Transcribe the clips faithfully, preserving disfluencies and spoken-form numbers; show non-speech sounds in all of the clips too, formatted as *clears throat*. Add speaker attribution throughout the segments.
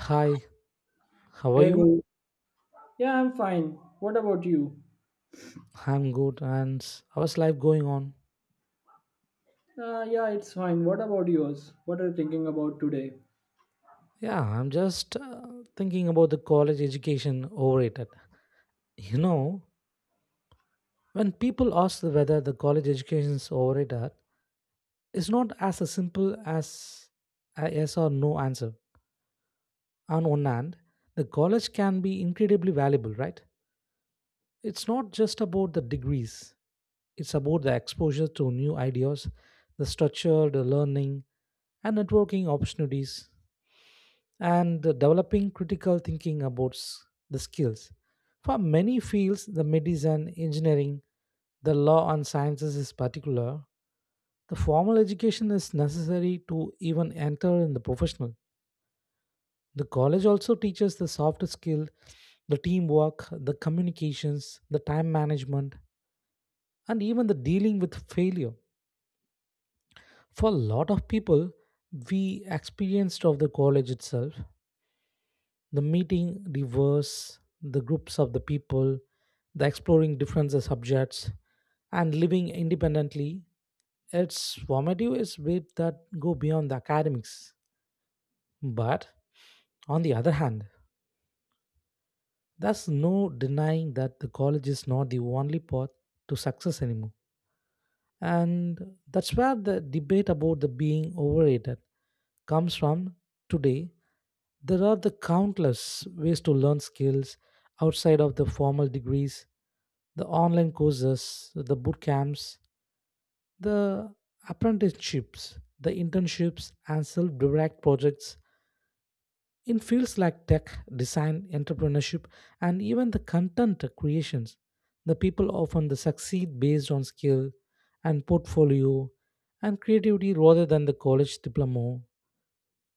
Speaker 1: Hi, how are
Speaker 2: Hey
Speaker 1: you?
Speaker 2: bro. Yeah, I'm fine. What about you?
Speaker 1: I'm good. And s- how's life going on?
Speaker 2: Uh, yeah, it's fine. What about yours? What are you thinking about today?
Speaker 1: Yeah, I'm just uh, thinking about the college education overrated. You know, when people ask whether the college education is overrated, it's not as a simple as a yes or no answer. On one hand, the college can be incredibly valuable, right? It's not just about the degrees. It's about the exposure to new ideas, the structure, the learning, and networking opportunities. And developing critical thinking about s- the skills. For many fields, the medicine, engineering, the law and sciences is particular, the formal education is necessary to even enter in the professional. The college also teaches the soft skill, the teamwork, the communications, the time management, and even the dealing with failure. For a lot of people, we experienced of the college itself, the meeting the verse the groups of the people, the exploring different subjects and living independently, its formative is bit that go beyond the academics. But on the other hand, there's no denying that the college is not the only path to success anymore. And that's where the debate about the being overrated comes from today. There are the countless ways to learn skills outside of the formal degrees, the online courses, the boot camps, the apprenticeships, the internships, and self-direct projects in fields like tech, design, entrepreneurship, and even the content creations, the people often the succeed based on skill and portfolio and creativity rather than the college diploma.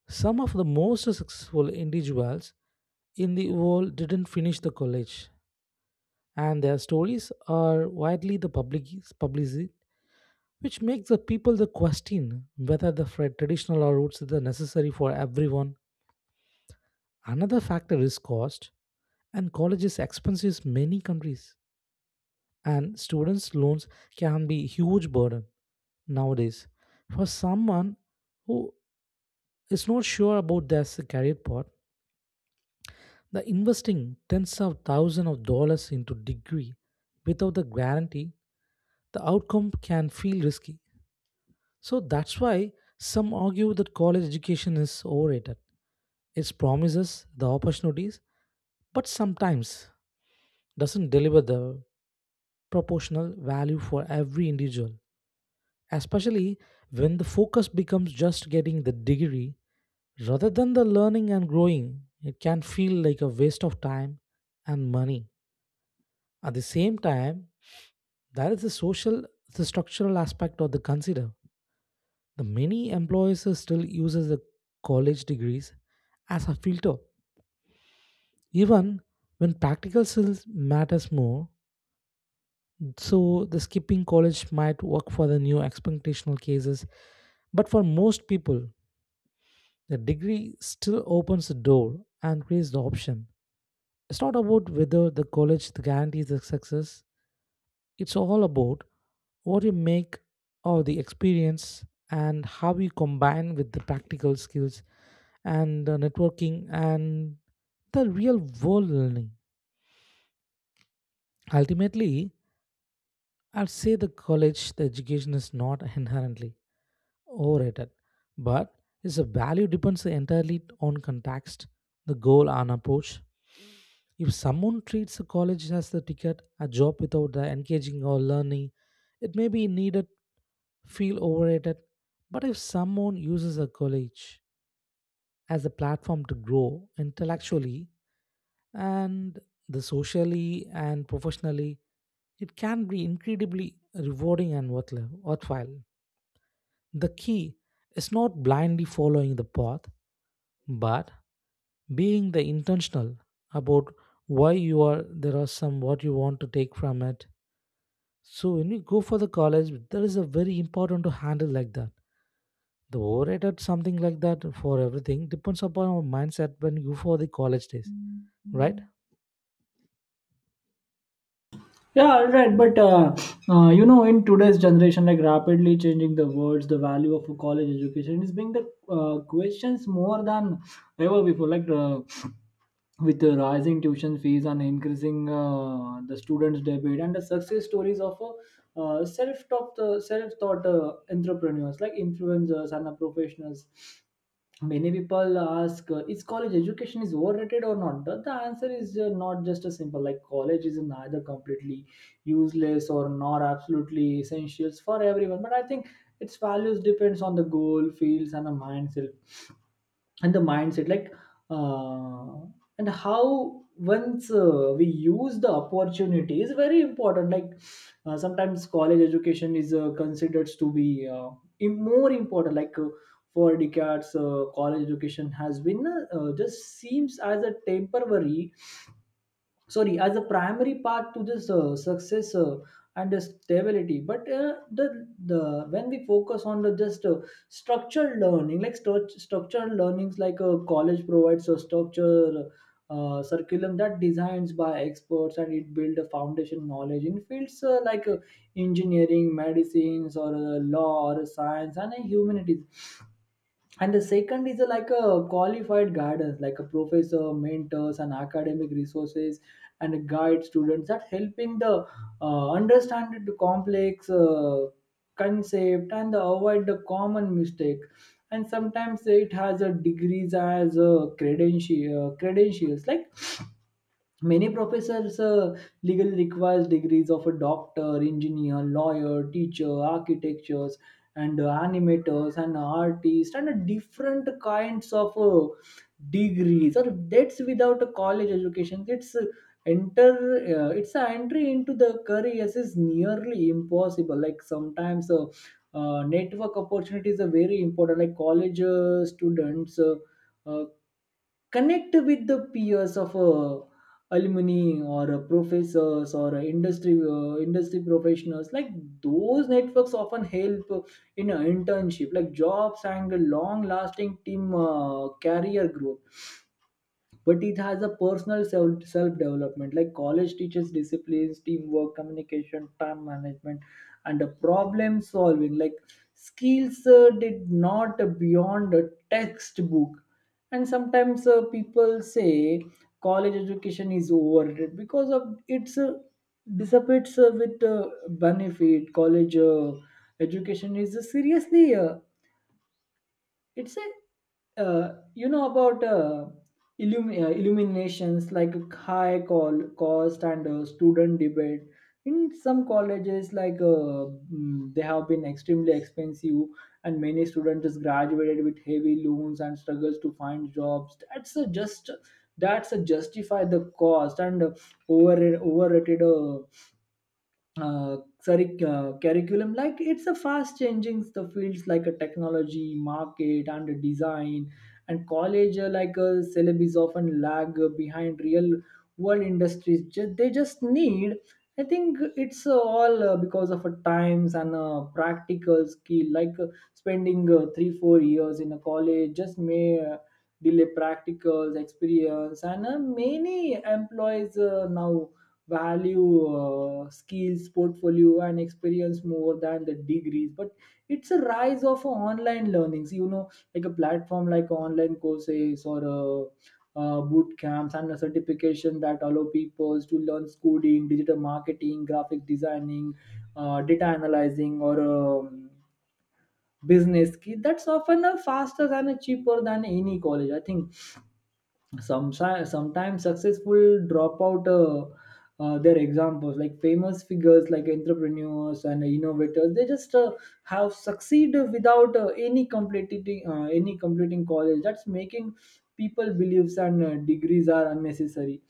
Speaker 1: Some of the most successful individuals in the world didn't finish the college, and their stories are widely the public publicized, which makes the people the question whether the fra- traditional routes are necessary for everyone. Another factor is cost. And college is expensive in many countries and students loans can be huge burden nowadays for someone who is not sure about their s- career path, the investing tens of thousands of dollars into degree without the guarantee, the outcome can feel risky. So that's why some argue that college education is overrated. It promises the opportunities but sometimes doesn't deliver the proportional value for every individual, especially when the focus becomes just getting the degree rather than the learning and growing. It can feel like a waste of time and money. At the same time, there is the social, the structural aspect of the consider, the many employers still uses the college degrees as a filter, even when practical skills matters more. So the skipping college might work for the new expectational cases, but for most people, the degree still opens the door and creates the option. It's not about whether the college guarantees the success, it's all about what you make of the experience and how you combine with the practical skills and the networking and the real world learning. Ultimately, I'll say the college, the education is not inherently overrated, but its value depends entirely on context, the goal, and approach. If someone treats a college as a ticket, a job without the engaging or learning, it may be needed, feel overrated. But if someone uses a college as a platform to grow intellectually and the socially and professionally, it can be incredibly rewarding and worthwhile. worthwhile. The key is not blindly following the path, but being the intentional about why you are there are some what you want to take from it. So when we go for the college, that is a very important to handle like that. The overhead at something like that for everything depends upon our mindset when you go for the college days, right?
Speaker 2: Yeah, all right. But uh, uh, you know, in today's generation, like rapidly changing the words, the value of a college education is being the uh, questions more than ever before. Like uh, with the rising tuition fees and increasing uh, the students' debit and the success stories of uh, uh, self-taught, uh, self-taught uh, entrepreneurs like influencers and uh, professionals. Many people ask, uh, is college education is overrated or not? The, the answer is uh, not just a simple, like college is neither completely useless or not absolutely essentials for everyone, but I think its values depends on the goal fields and the mindset and the mindset, like uh, and how once uh, we use the opportunity is very important. Like uh, sometimes college education is uh, considered to be uh, im- more important. Like uh, for decades, uh, college education has been uh, uh, just seems as a temporary, sorry, as a primary path to this uh, success uh, and uh, stability. But uh, the the when we focus on the just uh, structured learning, like stru- structured learnings, like a college provides a structure uh, curriculum that designs by experts, and it builds a foundation knowledge in fields uh, like uh, engineering, medicines, or uh, law, or science, and uh, humanities. And the second is a, like a qualified guidance, like a professor mentors and academic resources and guide students, that helping the uh, understand the complex uh, concept and avoid the common mistake. And sometimes it has a degrees as a credential, uh, credentials, like many professors uh, legally requires degrees of a doctor, engineer, lawyer, teacher, architectures, and uh, animators and artists, and uh, different kinds of uh, degrees. Or that's without a college education, It's uh, enter. Uh, it's an entry into the careers is nearly impossible. Like sometimes uh, uh, network opportunities are very important. Like college uh, students Uh, uh, connect with the peers of uh, alumni, or uh, professors, or uh, industry uh, industry professionals. Like those networks often help uh, in an internship, like jobs and long lasting team uh, career growth. But it has a personal self self development, like college teaches disciplines, teamwork, communication, time management, and the problem solving, like skills uh, did not beyond a textbook. And sometimes uh, people say college education is overrated because of its uh, dissipates uh, with uh, benefit. College uh, education is uh, seriously uh, it's a, uh, you know about uh, illum- uh, illuminations, like high call cost and uh, student debate. In some colleges, like uh, mm, they have been extremely expensive, and many students is graduated with heavy loans and struggles to find jobs that's a just that's a justify the cost. And uh, over overrated uh, uh, curric- uh, curriculum, like it's a fast changing the fields, like a technology market and a design. And college uh, like a syllabus often lag uh, behind real world industries. Just they just need, I think it's uh, all uh, because of uh, times and uh, practical skill. Like uh, spending uh, three four years in a college just may uh, delay practicals experience. And uh, many employees uh, now value uh, skills, portfolio, and experience more than the degrees. But it's a rise of online learnings, you know, like a platform, like online courses, or uh, uh, boot camps, and a certification that allow people to learn coding, digital marketing, graphic designing, uh, data analyzing, or um, business skill, that's often a faster and a cheaper than any college. I think some sometimes successful drop out uh, uh, their examples, like famous figures, like entrepreneurs and innovators, they just uh, have succeeded without uh, any completing uh, any completing college, that's making people believes and uh, degrees are unnecessary.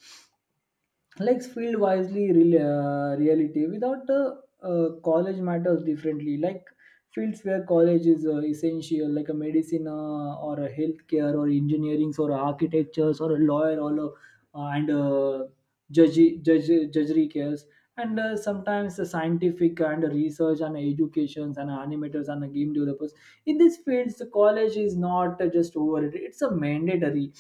Speaker 2: Likes field wisely, real, uh, reality without uh, uh, college matters differently. Like fields where college is uh, essential, like a medicine, uh, or a healthcare, or engineering, or architectures, or a lawyer, or a, uh, and uh, judge judge judgery cares, and uh, sometimes the scientific, and research, and educations, and animators, and game developers. In these fields the college is not uh, just overrated, it's a mandatory.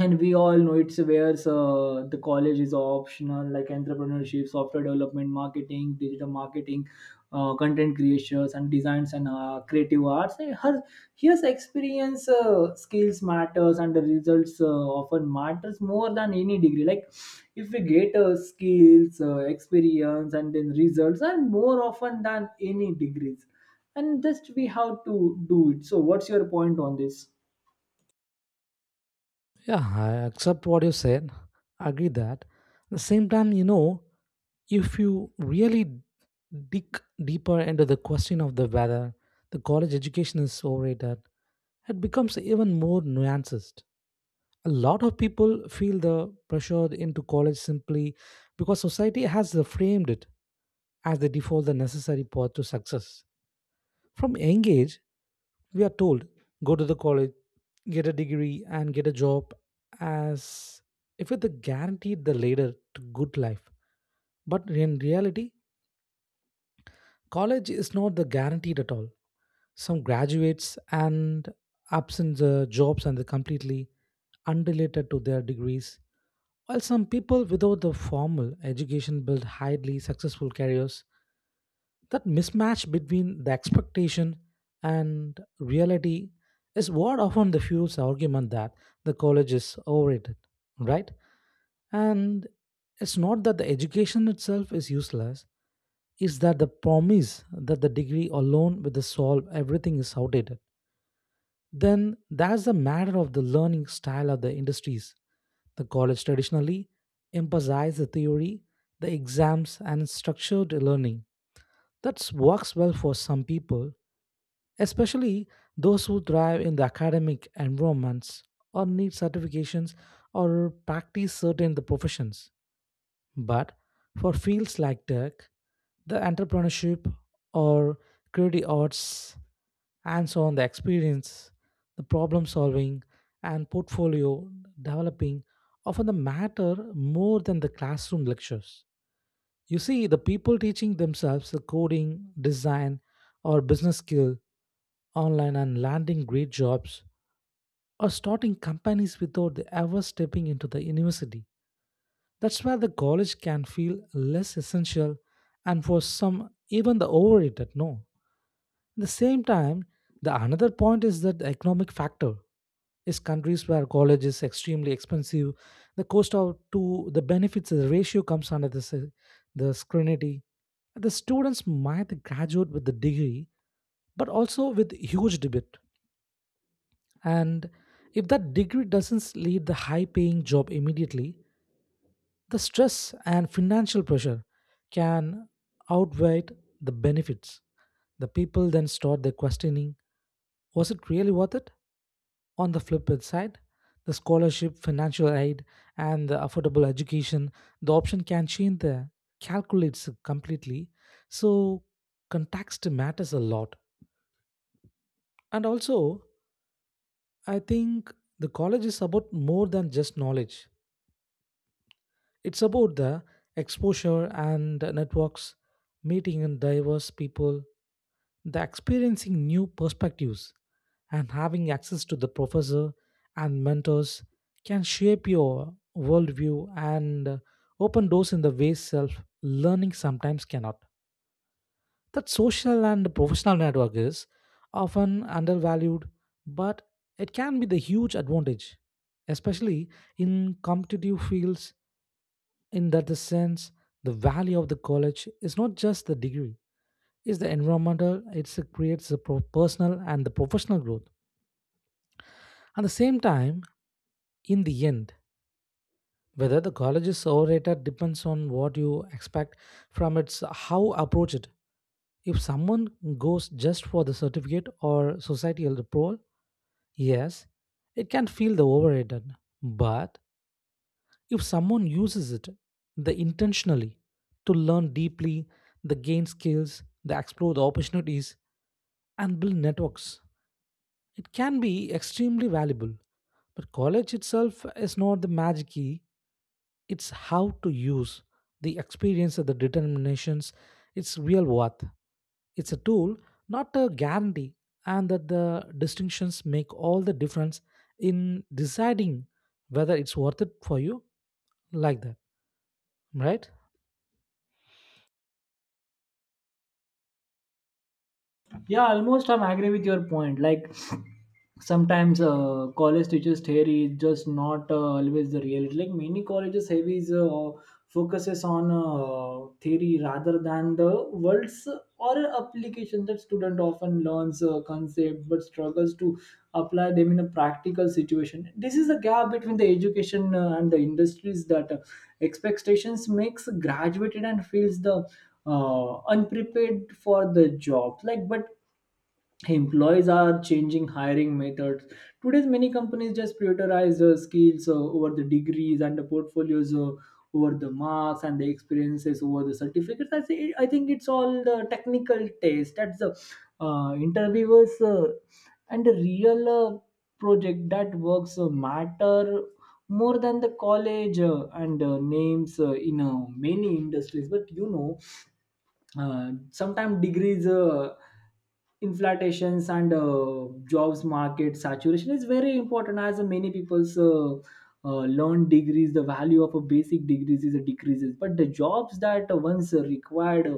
Speaker 2: And we all know it's where uh, the college is optional, like entrepreneurship, software development, marketing, digital marketing, uh, content creations, and designs, and uh, creative arts. And her, here's experience uh, skills matters and the results uh, often matters more than any degree. Like if we get uh, skills uh, experience and then results, and more often than any degrees, and just we have to do it. So what's your point on this?
Speaker 1: Yeah, I accept what you said. I agree that. At the same time, you know, if you really dig deeper into the question of the whether the college education is overrated, it becomes even more nuanced. A lot of people feel the pressure into college simply because society has framed it as the default the necessary path to success. From young age we are told go to the college, get a degree and get a job, as if it guaranteed the later to good life. But in reality, college is not the guaranteed at all. Some graduates and absent the jobs and the completely unrelated to their degrees, while some people without the formal education build highly successful careers. That mismatch between the expectation and reality is what often the fuels the argument that the college is overrated, right? And it's not that the education itself is useless, it's that the promise that the degree alone will solve everything is outdated. Then that's the matter of the learning style of the industries. The college traditionally emphasizes the theory, the exams, and structured learning. That works well for some people, especially those who thrive in the academic environments or need certifications or practice certain the professions. But for fields like tech, the entrepreneurship or creative arts, and so on, the experience, the problem solving, and portfolio developing often the matter more than the classroom lectures. You see, the people teaching themselves the coding, design, or business skill online and landing great jobs or starting companies without ever stepping into the university. That's where the college can feel less essential and for some even the overrated no. At the same time, the another point is that the economic factor is countries where college is extremely expensive, the cost of to the benefits the ratio comes under the s- the scrutiny. The students might graduate with the degree, but also with huge debt. And if that degree doesn't lead the high paying job immediately, the stress and financial pressure can outweigh the benefits. The people then start their questioning, was it really worth it? On the flip side, the scholarship, financial aid, and the affordable education, the option can change the calculates completely. So, context matters a lot. And also, I think the college is about more than just knowledge. It's about the exposure and the networks, meeting and diverse people, the experiencing new perspectives, and having access to the professor and mentors can shape your worldview and open doors in the ways self learning sometimes cannot. That social and professional network is often undervalued, but it can be the huge advantage, especially in competitive fields. In that sense, the value of the college is not just the degree, it's the environmental, it's- it creates the pro- personal and the professional growth. At the same time, in the end, whether the college is overrated depends on what you expect from its how approach it. If someone goes just for the certificate or societal approval, yes, it can feel the overrated. But if someone uses it the intentionally to learn deeply, the gain skills, they explore the opportunities and build networks. It can be extremely valuable, but college itself is not the magic key. It's how to use the experience of the determinations, its real worth. It's a tool, not a guarantee, and that the distinctions make all the difference in deciding whether it's worth it for you like that, right?
Speaker 2: Yeah, almost I'm agree with your point, like sometimes uh, college teachers theory is just not uh, always the reality. Like many colleges heavies uh, focuses on uh, theory rather than the words or application, that student often learns uh, concept but struggles to apply them in a practical situation. This is a gap between the education uh, and the industries, that uh, expectations makes graduated and feels the uh, unprepared for the job. Like, but employees are changing hiring methods. Today's many companies just prioritize uh, skills uh, over the degrees, and the portfolios uh, over the marks, and the experiences over the certificates. I say, I think it's all the technical test, that's the uh, interviewers uh, and the real uh, project that works uh, matter more than the college uh, and uh, names uh, in uh, many industries. But you know, uh, sometimes degrees uh, inflations and uh, jobs market saturation is very important. As many people's uh, uh, learn degrees, the value of a basic degrees is a decreases. But the jobs that once required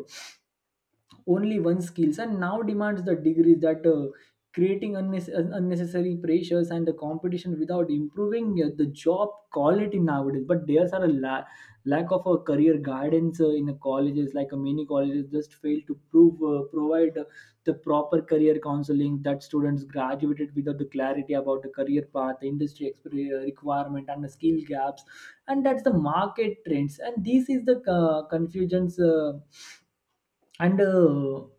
Speaker 2: only one skills and now demands the degrees, that uh, creating unnecess- un- unnecessary pressures and the competition without improving uh, the job quality nowadays. But there's are a la- lack of a career guidance uh, in the colleges. Like uh, many colleges just fail to prove uh, provide uh, the proper career counseling, that students graduated without the clarity about the career path, the industry exper- requirement, and the skill gaps, and that's the market trends. And this is the uh, confusions uh, and uh,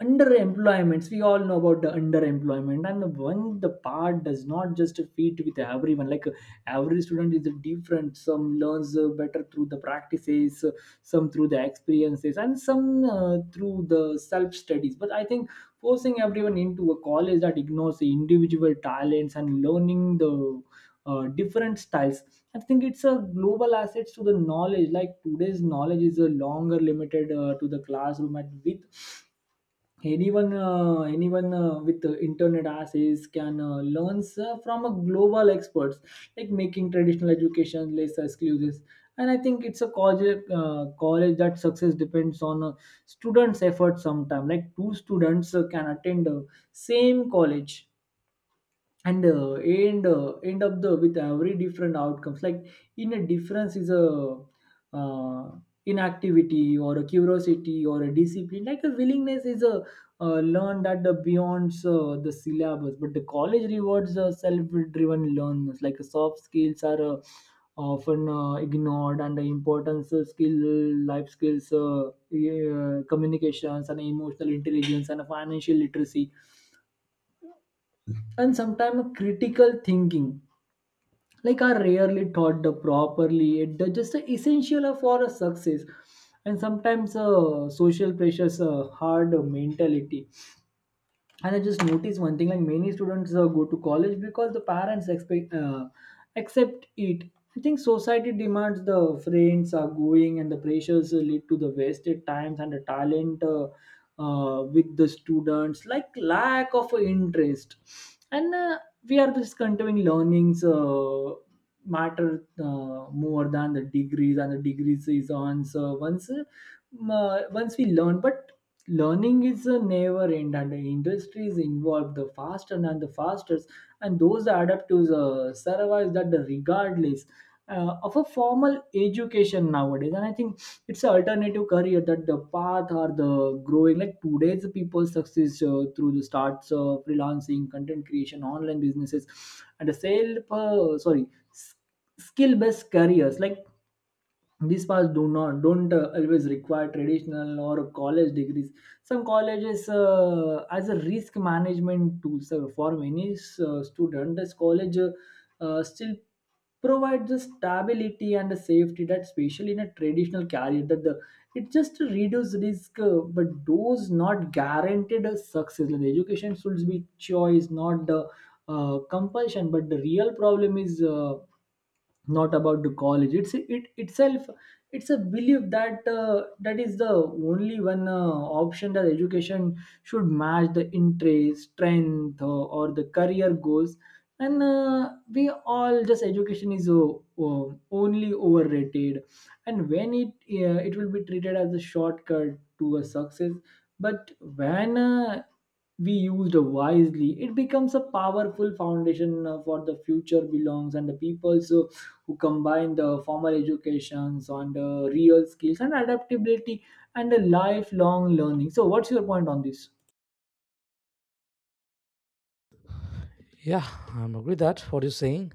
Speaker 2: underemployments. We all know about the underemployment, and when the part does not just fit with everyone. Like uh, every student is different. Some learns uh, better through the practices, uh, some through the experiences, and some uh, through the self studies. But I think forcing everyone into a college that ignores the individual talents and learning the uh, different styles. I think it's a global assets to the knowledge, like today's knowledge is a longer limited uh, to the classroom. And with anyone uh, anyone uh, with uh, internet access can uh, learn uh, from a global experts, like making traditional education less exclusive. And I think it's a college, uh, college that success depends on uh, students effort sometime. Like two students uh, can attend uh, same college and uh, end uh, end up the with every different outcomes. Like in a difference is a uh, inactivity, or a curiosity, or a discipline, like a willingness is a uh, learned at the beyond uh, the syllabus. But the college rewards uh, self-driven learners. Like uh, soft skills are uh, often uh, ignored, and the importance of skill, life skills, uh, yeah, communications, and emotional intelligence, and financial literacy, and sometimes critical thinking, like are rarely taught the properly. It the- just the essential for a success. And sometimes uh, social pressures uh, hard mentality. And I just noticed one thing, like many students uh, go to college because the parents expect uh, accept it. I think society demands the friends are going, and the pressures uh, lead to the wasted times and the talent uh, uh, with the students, like lack of interest. And uh, we are just continuing learnings uh, matter uh, more than the degrees, and the degrees is on. So once uh, m- uh, once we learn, but learning is a never end, and the industry is involved the faster and the fastest, and those adapt to the survive, that the regardless uh, of a formal education nowadays. And I think it's an alternative career, that the path or the growing, like today's people success uh, through the starts of freelancing, content creation, online businesses, and the sale uh, sorry skill based careers. Like these paths do not don't uh, always require traditional or college degrees. Some colleges uh, as a risk management tool, so for many uh, students this college uh, uh, still provides the stability and the safety, that especially in a traditional career, that the it just reduces risk uh, but those not guaranteed a success. Like, the education should be choice, not the uh, compulsion. But the real problem is uh, Not about the college, it's it itself. It's a belief that uh, that is the only one uh, option that education should match the interest strength uh, or the career goals, and uh, we all just education is uh, uh, only overrated, and when it uh, it will be treated as a shortcut to a success. But when uh, we used wisely, it becomes a powerful foundation uh, for the future belongs and the people's uh, who combine the formal educations on the real skills and adaptability and the lifelong learning. So, what's your point on this?
Speaker 1: Yeah, I'm agree that what you're saying.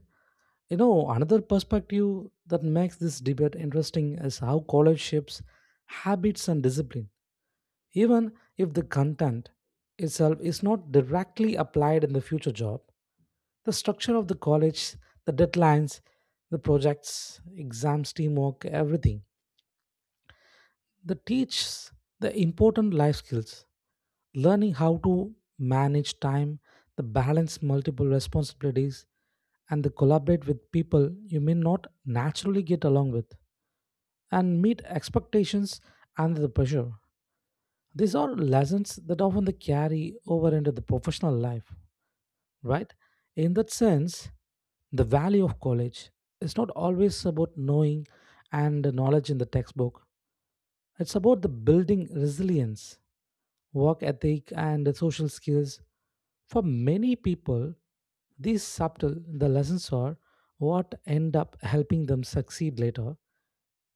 Speaker 1: You know, another perspective that makes this debate interesting is how college shapes habits and discipline, even if the content itself is not directly applied in the future job. The structure of the college, the deadlines, the projects, exams, teamwork, everything, they teach the important life skills, learning how to manage time, the balance multiple responsibilities, and the collaborate with people you may not naturally get along with, and meet expectations under the pressure. These are lessons that often they carry over into the professional life, right? In that sense, the value of college is not always about knowing and knowledge in the textbook. It's about the building resilience, work ethic, and social skills. For many people, these subtle the lessons are what end up helping them succeed later,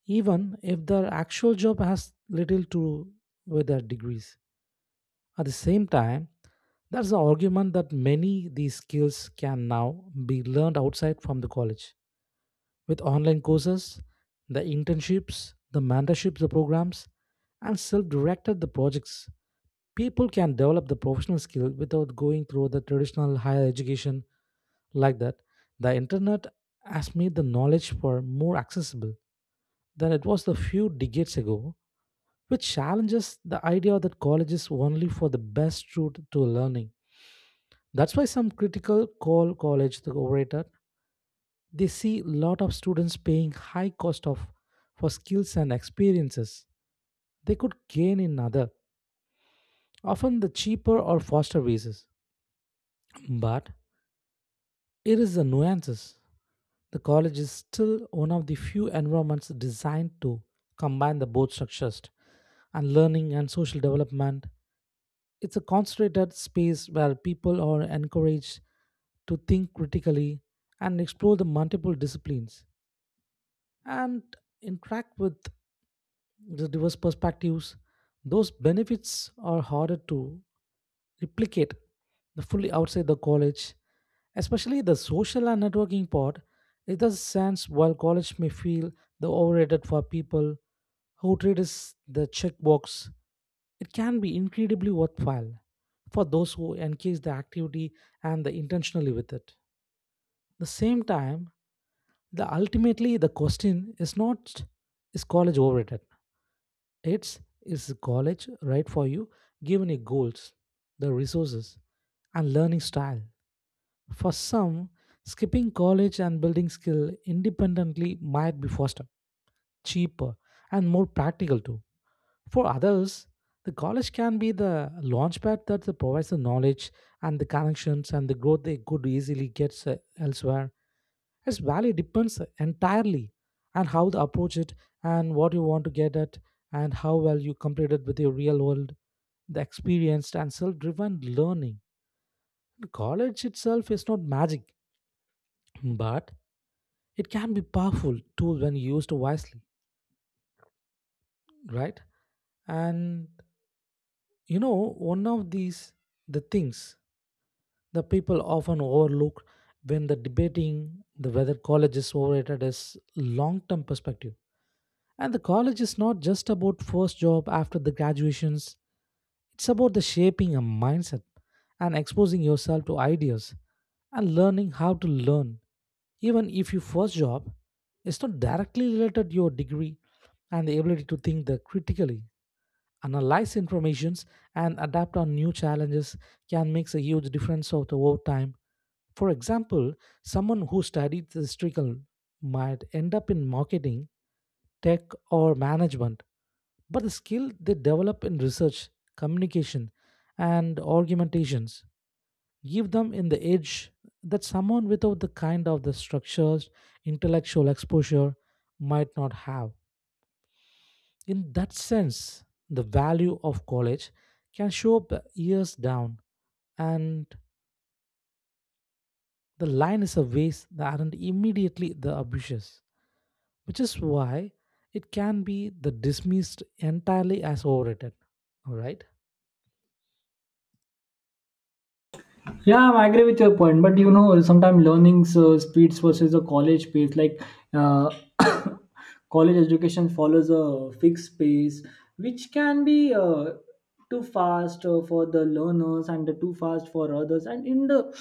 Speaker 1: even if their actual job has little to do with their degrees. At the same time, there's the argument that many these skills can now be learned outside from the college with online courses, the internships, the mentorships, the programs, and self-directed the projects. People can develop the professional skill without going through the traditional higher education like that. The internet has made the knowledge for more accessible than it was a few decades ago, which challenges the idea that college is only for the best route to learning. That's why some critical call college the overrated. They see lot of students paying high cost of for skills and experiences they could gain in other, often the cheaper or faster ways. But here is the nuances. The college is still one of the few environments designed to combine the both structures and learning and social development. It's a concentrated space where people are encouraged to think critically and explore the multiple disciplines and interact with the diverse perspectives. Those benefits are harder to replicate the fully outside the college, especially the social and networking part. It does sense while college may feel the overrated for people who treat is the checkbox, it can be incredibly worthwhile for those who engage the activity and the intentionally with it. The same time, the ultimately the question is not is college overrated. It's is college right for you given your goals, the resources, and learning style. For some, skipping college and building skill independently might be faster, cheaper, and more practical too. For others, the college can be the launchpad that provides the knowledge and the connections and the growth they could easily get uh, elsewhere. Its value depends entirely on how to approach it and what you want to get at and how well you complete it with your real world, the experienced and self-driven learning. College itself is not magic, but it can be powerful tool when used wisely, right? And you know, one of these the things the people often overlook when the debating the whether college is overrated is long-term perspective. And the college is not just about first job after the graduations. It's about the shaping a mindset and exposing yourself to ideas and learning how to learn. Even if your first job is not directly related to your degree and the ability to think the critically, analyze informations and adapt on new challenges can make a huge difference of the over time. For example, someone who studied the historical might end up in marketing, tech, or management but the skill they develop in research, communication, and argumentations give them in the edge that someone without the kind of the structures intellectual exposure might not have. In that sense, the value of college can show up years down, and the line is a ways that aren't immediately the ambitious, which is why it can be the dismissed entirely as overrated. All right.
Speaker 2: Yeah, I agree with your point, but you know, sometimes learning uh, speeds versus the college pace, like uh, *coughs* college education follows a fixed pace, which can be uh, too fast uh, for the learners and too fast for others. And in the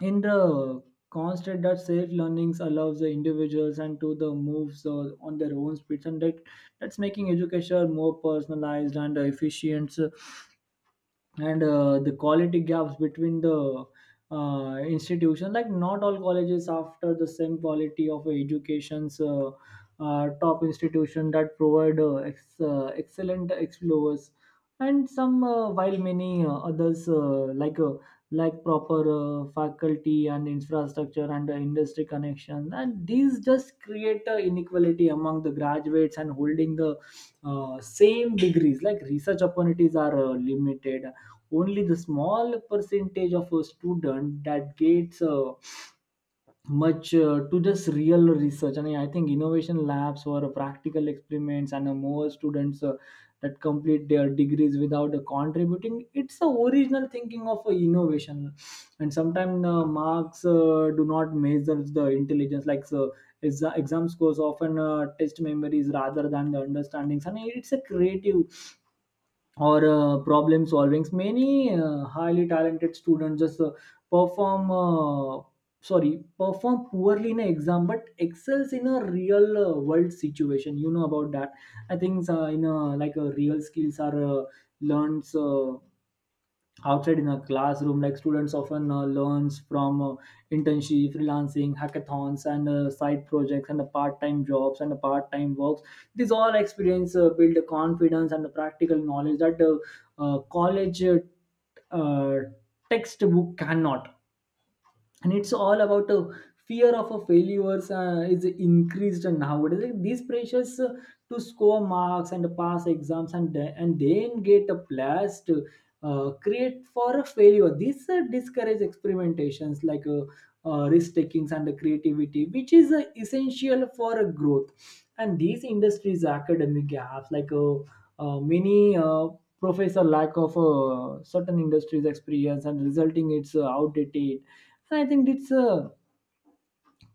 Speaker 2: in the constant that self learnings allows the individuals and to the moves uh, on their own speeds, and that that's making education more personalized and efficient, and uh, the quality gaps between the uh, institution, like not all colleges after the same quality of educations. Uh, uh, top institution that provide uh, ex- uh, excellent explorers and some, uh, while many uh, others uh, like uh, like proper uh, faculty and infrastructure and uh, industry connection, and these just create uh, inequality among the graduates and holding the uh, same degrees. Like research opportunities are uh, limited only the small percentage of a student that gets uh, much uh, to this real research. And I think innovation labs or practical experiments and uh, more students uh, that complete their degrees without uh, contributing it's the original thinking of uh, innovation. And sometimes uh, marks uh, do not measure the intelligence, like so exa- exam scores often uh, test memories rather than the understandings and it's a creative or uh, problem solvings. Many uh, highly talented students just uh, perform uh, sorry perform poorly in an exam, but excels in a real uh, world situation, you know about that. I think uh, in a, like a real skills are uh, learned uh, outside in a classroom, like students often uh, learns from uh, internship, freelancing, hackathons and uh, side projects and the part-time jobs and the part-time works. These all experience uh, build the confidence and the practical knowledge that the uh, college uh, uh, textbook cannot. And it's all about a fear of a failures uh, is increased nowadays. Like, these pressures uh, to score marks and pass exams, and the- and then get a blast uh, create for a failure. These uh, discourage experimentations, like uh, uh, risk takings and the creativity, which is uh, essential for a growth. And these industries academic gaps, like uh, uh, many uh, professor lack of uh, certain industries experience, and resulting it's uh, outdated. And I think it's uh,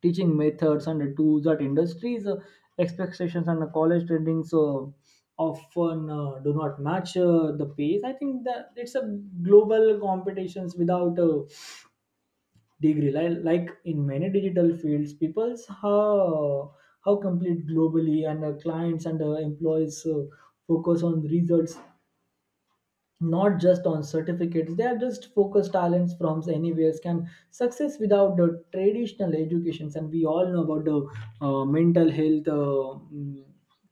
Speaker 2: teaching methods and the tools that industries uh, expectations and the college trendings uh, often uh, do not match uh, the pace. I think that it's a global competitions without a degree. Like, like, in many digital fields, people's how how complete globally and uh, clients and uh, employees uh, focus on results, not just on certificates. They are just focused talents from anywhere can success without the traditional educations. And we all know about the uh, mental health uh, mm,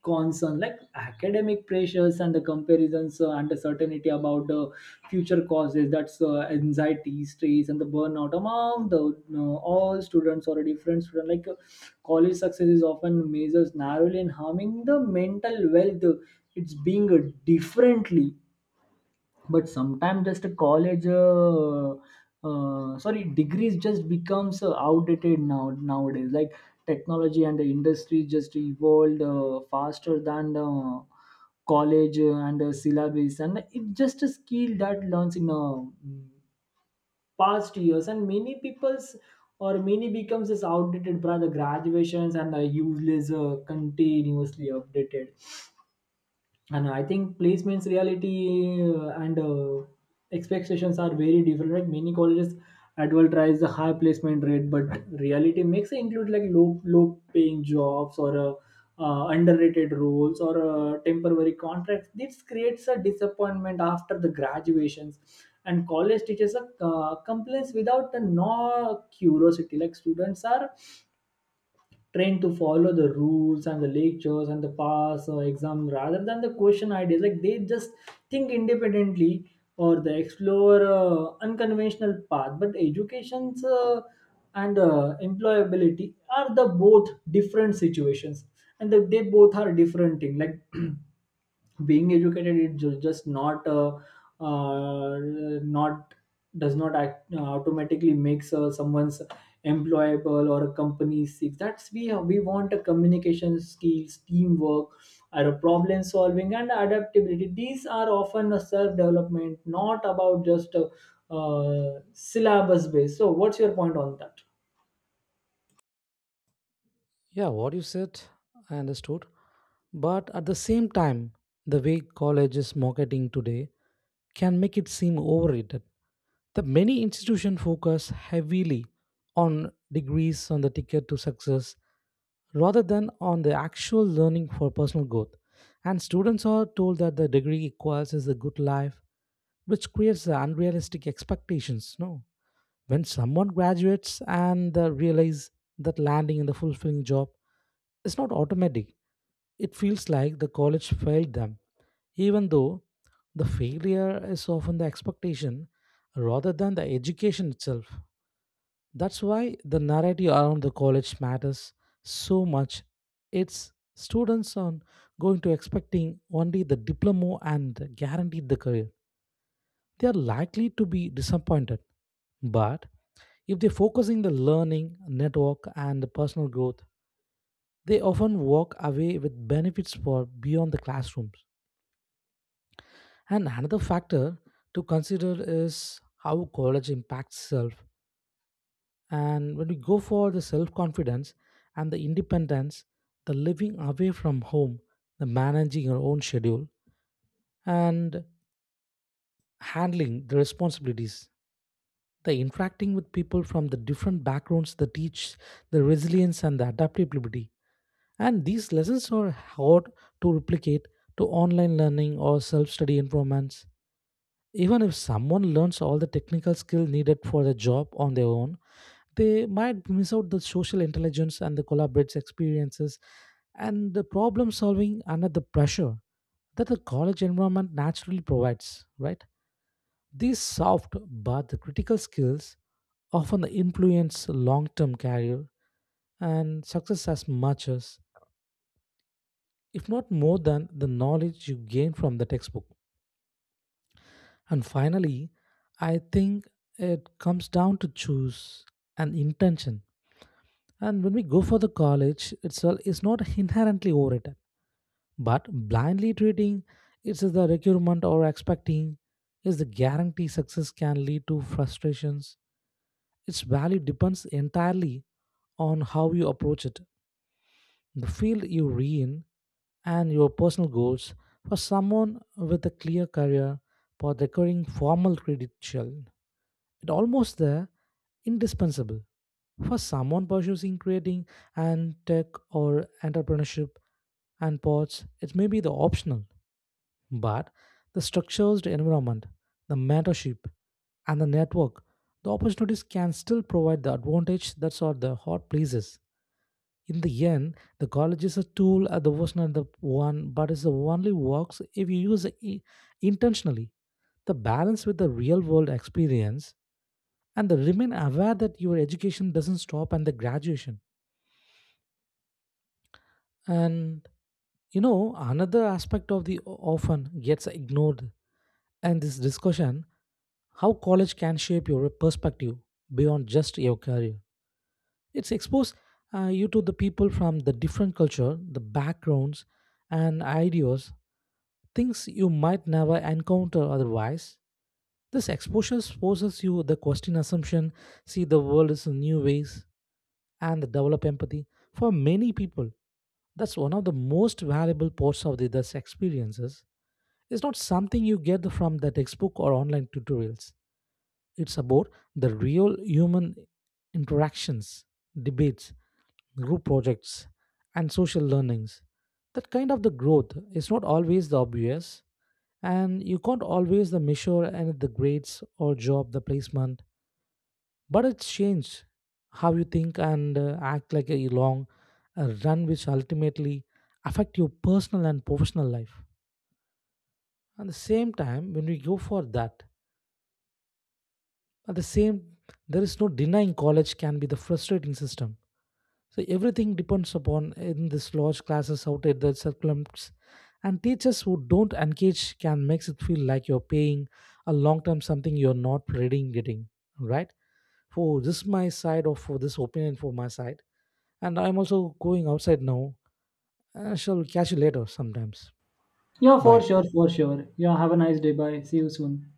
Speaker 2: concern, like academic pressures and the comparisons uh, and the certainty about the future causes that's uh, anxiety, stress and the burnout among the uh, all students or a different student, like uh, college success is often measured narrowly and harming the mental wealth it's being uh, differently. But sometimes just a college uh, uh, sorry degrees just becomes uh, outdated now nowadays, like technology and the industry just evolved uh, faster than uh, college uh, and uh, syllabus, and it's just a skill that learns in uh, past years. And many people's or many becomes this outdated by the graduations and the useless uh, continuously updated. And I think placements, reality uh, and uh, expectations are very different, right? Many colleges advertise a high placement rate, but reality makes it include like low low paying jobs or uh, uh, underrated roles or uh, temporary contracts. This creates a disappointment after the graduations. And college teachers are uh, complaints without the no curiosity, like students are trained to follow the rules and the lectures and the pass or exam rather than the question ideas, like they just think independently or they explore uh, unconventional path. But educations uh, and uh, employability are the both different situations, and the, they both are different thing, like *clears throat* being educated it ju- just not uh, uh, not does not act, uh, automatically makes uh, someone's employable or a company sick. That's we we want a communication skills, teamwork or problem solving and adaptability. These are often a self development, not about just a, uh, syllabus based. So what's your point on that?
Speaker 1: Yeah, what you said, I understood. But at the same time, the way colleges marketing today can make it seem overrated. The many institutions focus heavily on degrees on the ticket to success rather than on the actual learning for personal growth. And students are told that the degree equals is a good life, which creates the unrealistic expectations. No. When someone graduates and they realize that landing in the fulfilling job is not automatic, it feels like the college failed them, even though the failure is often the expectation rather than the education itself. That's why the narrative around the college matters so much. It's students are going to expecting only the diploma and guaranteed the career. They are likely to be disappointed. But if they focus in the learning, network, and the personal growth, they often walk away with benefits for beyond the classrooms. And another factor to consider is how college impacts self. And when we go for the self confidence and the independence, the living away from home, the managing your own schedule, and handling the responsibilities, the interacting with people from the different backgrounds that teach the resilience and the adaptability. And these lessons are hard to replicate to online learning or self study environments. Even if someone learns all the technical skill needed for the job on their own, they might miss out the social intelligence and the collaborative experiences and the problem solving under the pressure that the college environment naturally provides, right? These soft but the critical skills often influence long term career and success as much as if not more than the knowledge you gain from the textbook. And finally, I think it comes down to choose an intention. And when we go for the college, itself, it's not inherently overrated. But blindly treating it's the requirement or expecting is the guarantee success can lead to frustrations. Its value depends entirely on how you approach it. The field you re in and your personal goals for someone with a clear career path requiring formal credential. It almost there, indispensable for someone pursuing creating and tech or entrepreneurship and pods. It may be the optional, but the structured environment, the mentorship, and the network, the opportunities can still provide the advantage that's are the hot places. In the end, the college is a tool, uh, the was not the one, but it's the only works if you use it i- intentionally. The balance with the real world experience and the remain aware that your education doesn't stop and the graduation. And you know, another aspect of the o- often gets ignored in this discussion how college can shape your perspective beyond just your career. It's exposed uh, you to the people from the different culture, the backgrounds, and ideas things you might never encounter otherwise. This exposure forces you to question assumption, see the world is in new ways, and develop empathy. For many people, that's one of the most valuable parts of the this experiences. It's not something you get from the textbook or online tutorials. It's about the real human interactions, debates, group projects, and social learnings. That kind of the growth is not always the obvious and you can't always the measure and the grades or job the placement but it's changed how you think and uh, act like a long uh, run which ultimately affect your personal and professional life at the same time when we go for that at the same there is no denying college can be the frustrating system. So everything depends upon eh, in this large classes out at the circulums and teachers who don't engage can makes it feel like you're paying a long term something you're not reading getting, right? For this my side or for this opinion for my side and I'm also going outside now. I shall catch you later sometimes.
Speaker 2: Yeah, for
Speaker 1: Bye.
Speaker 2: sure, for sure. Yeah, have a nice day. Bye. See you soon.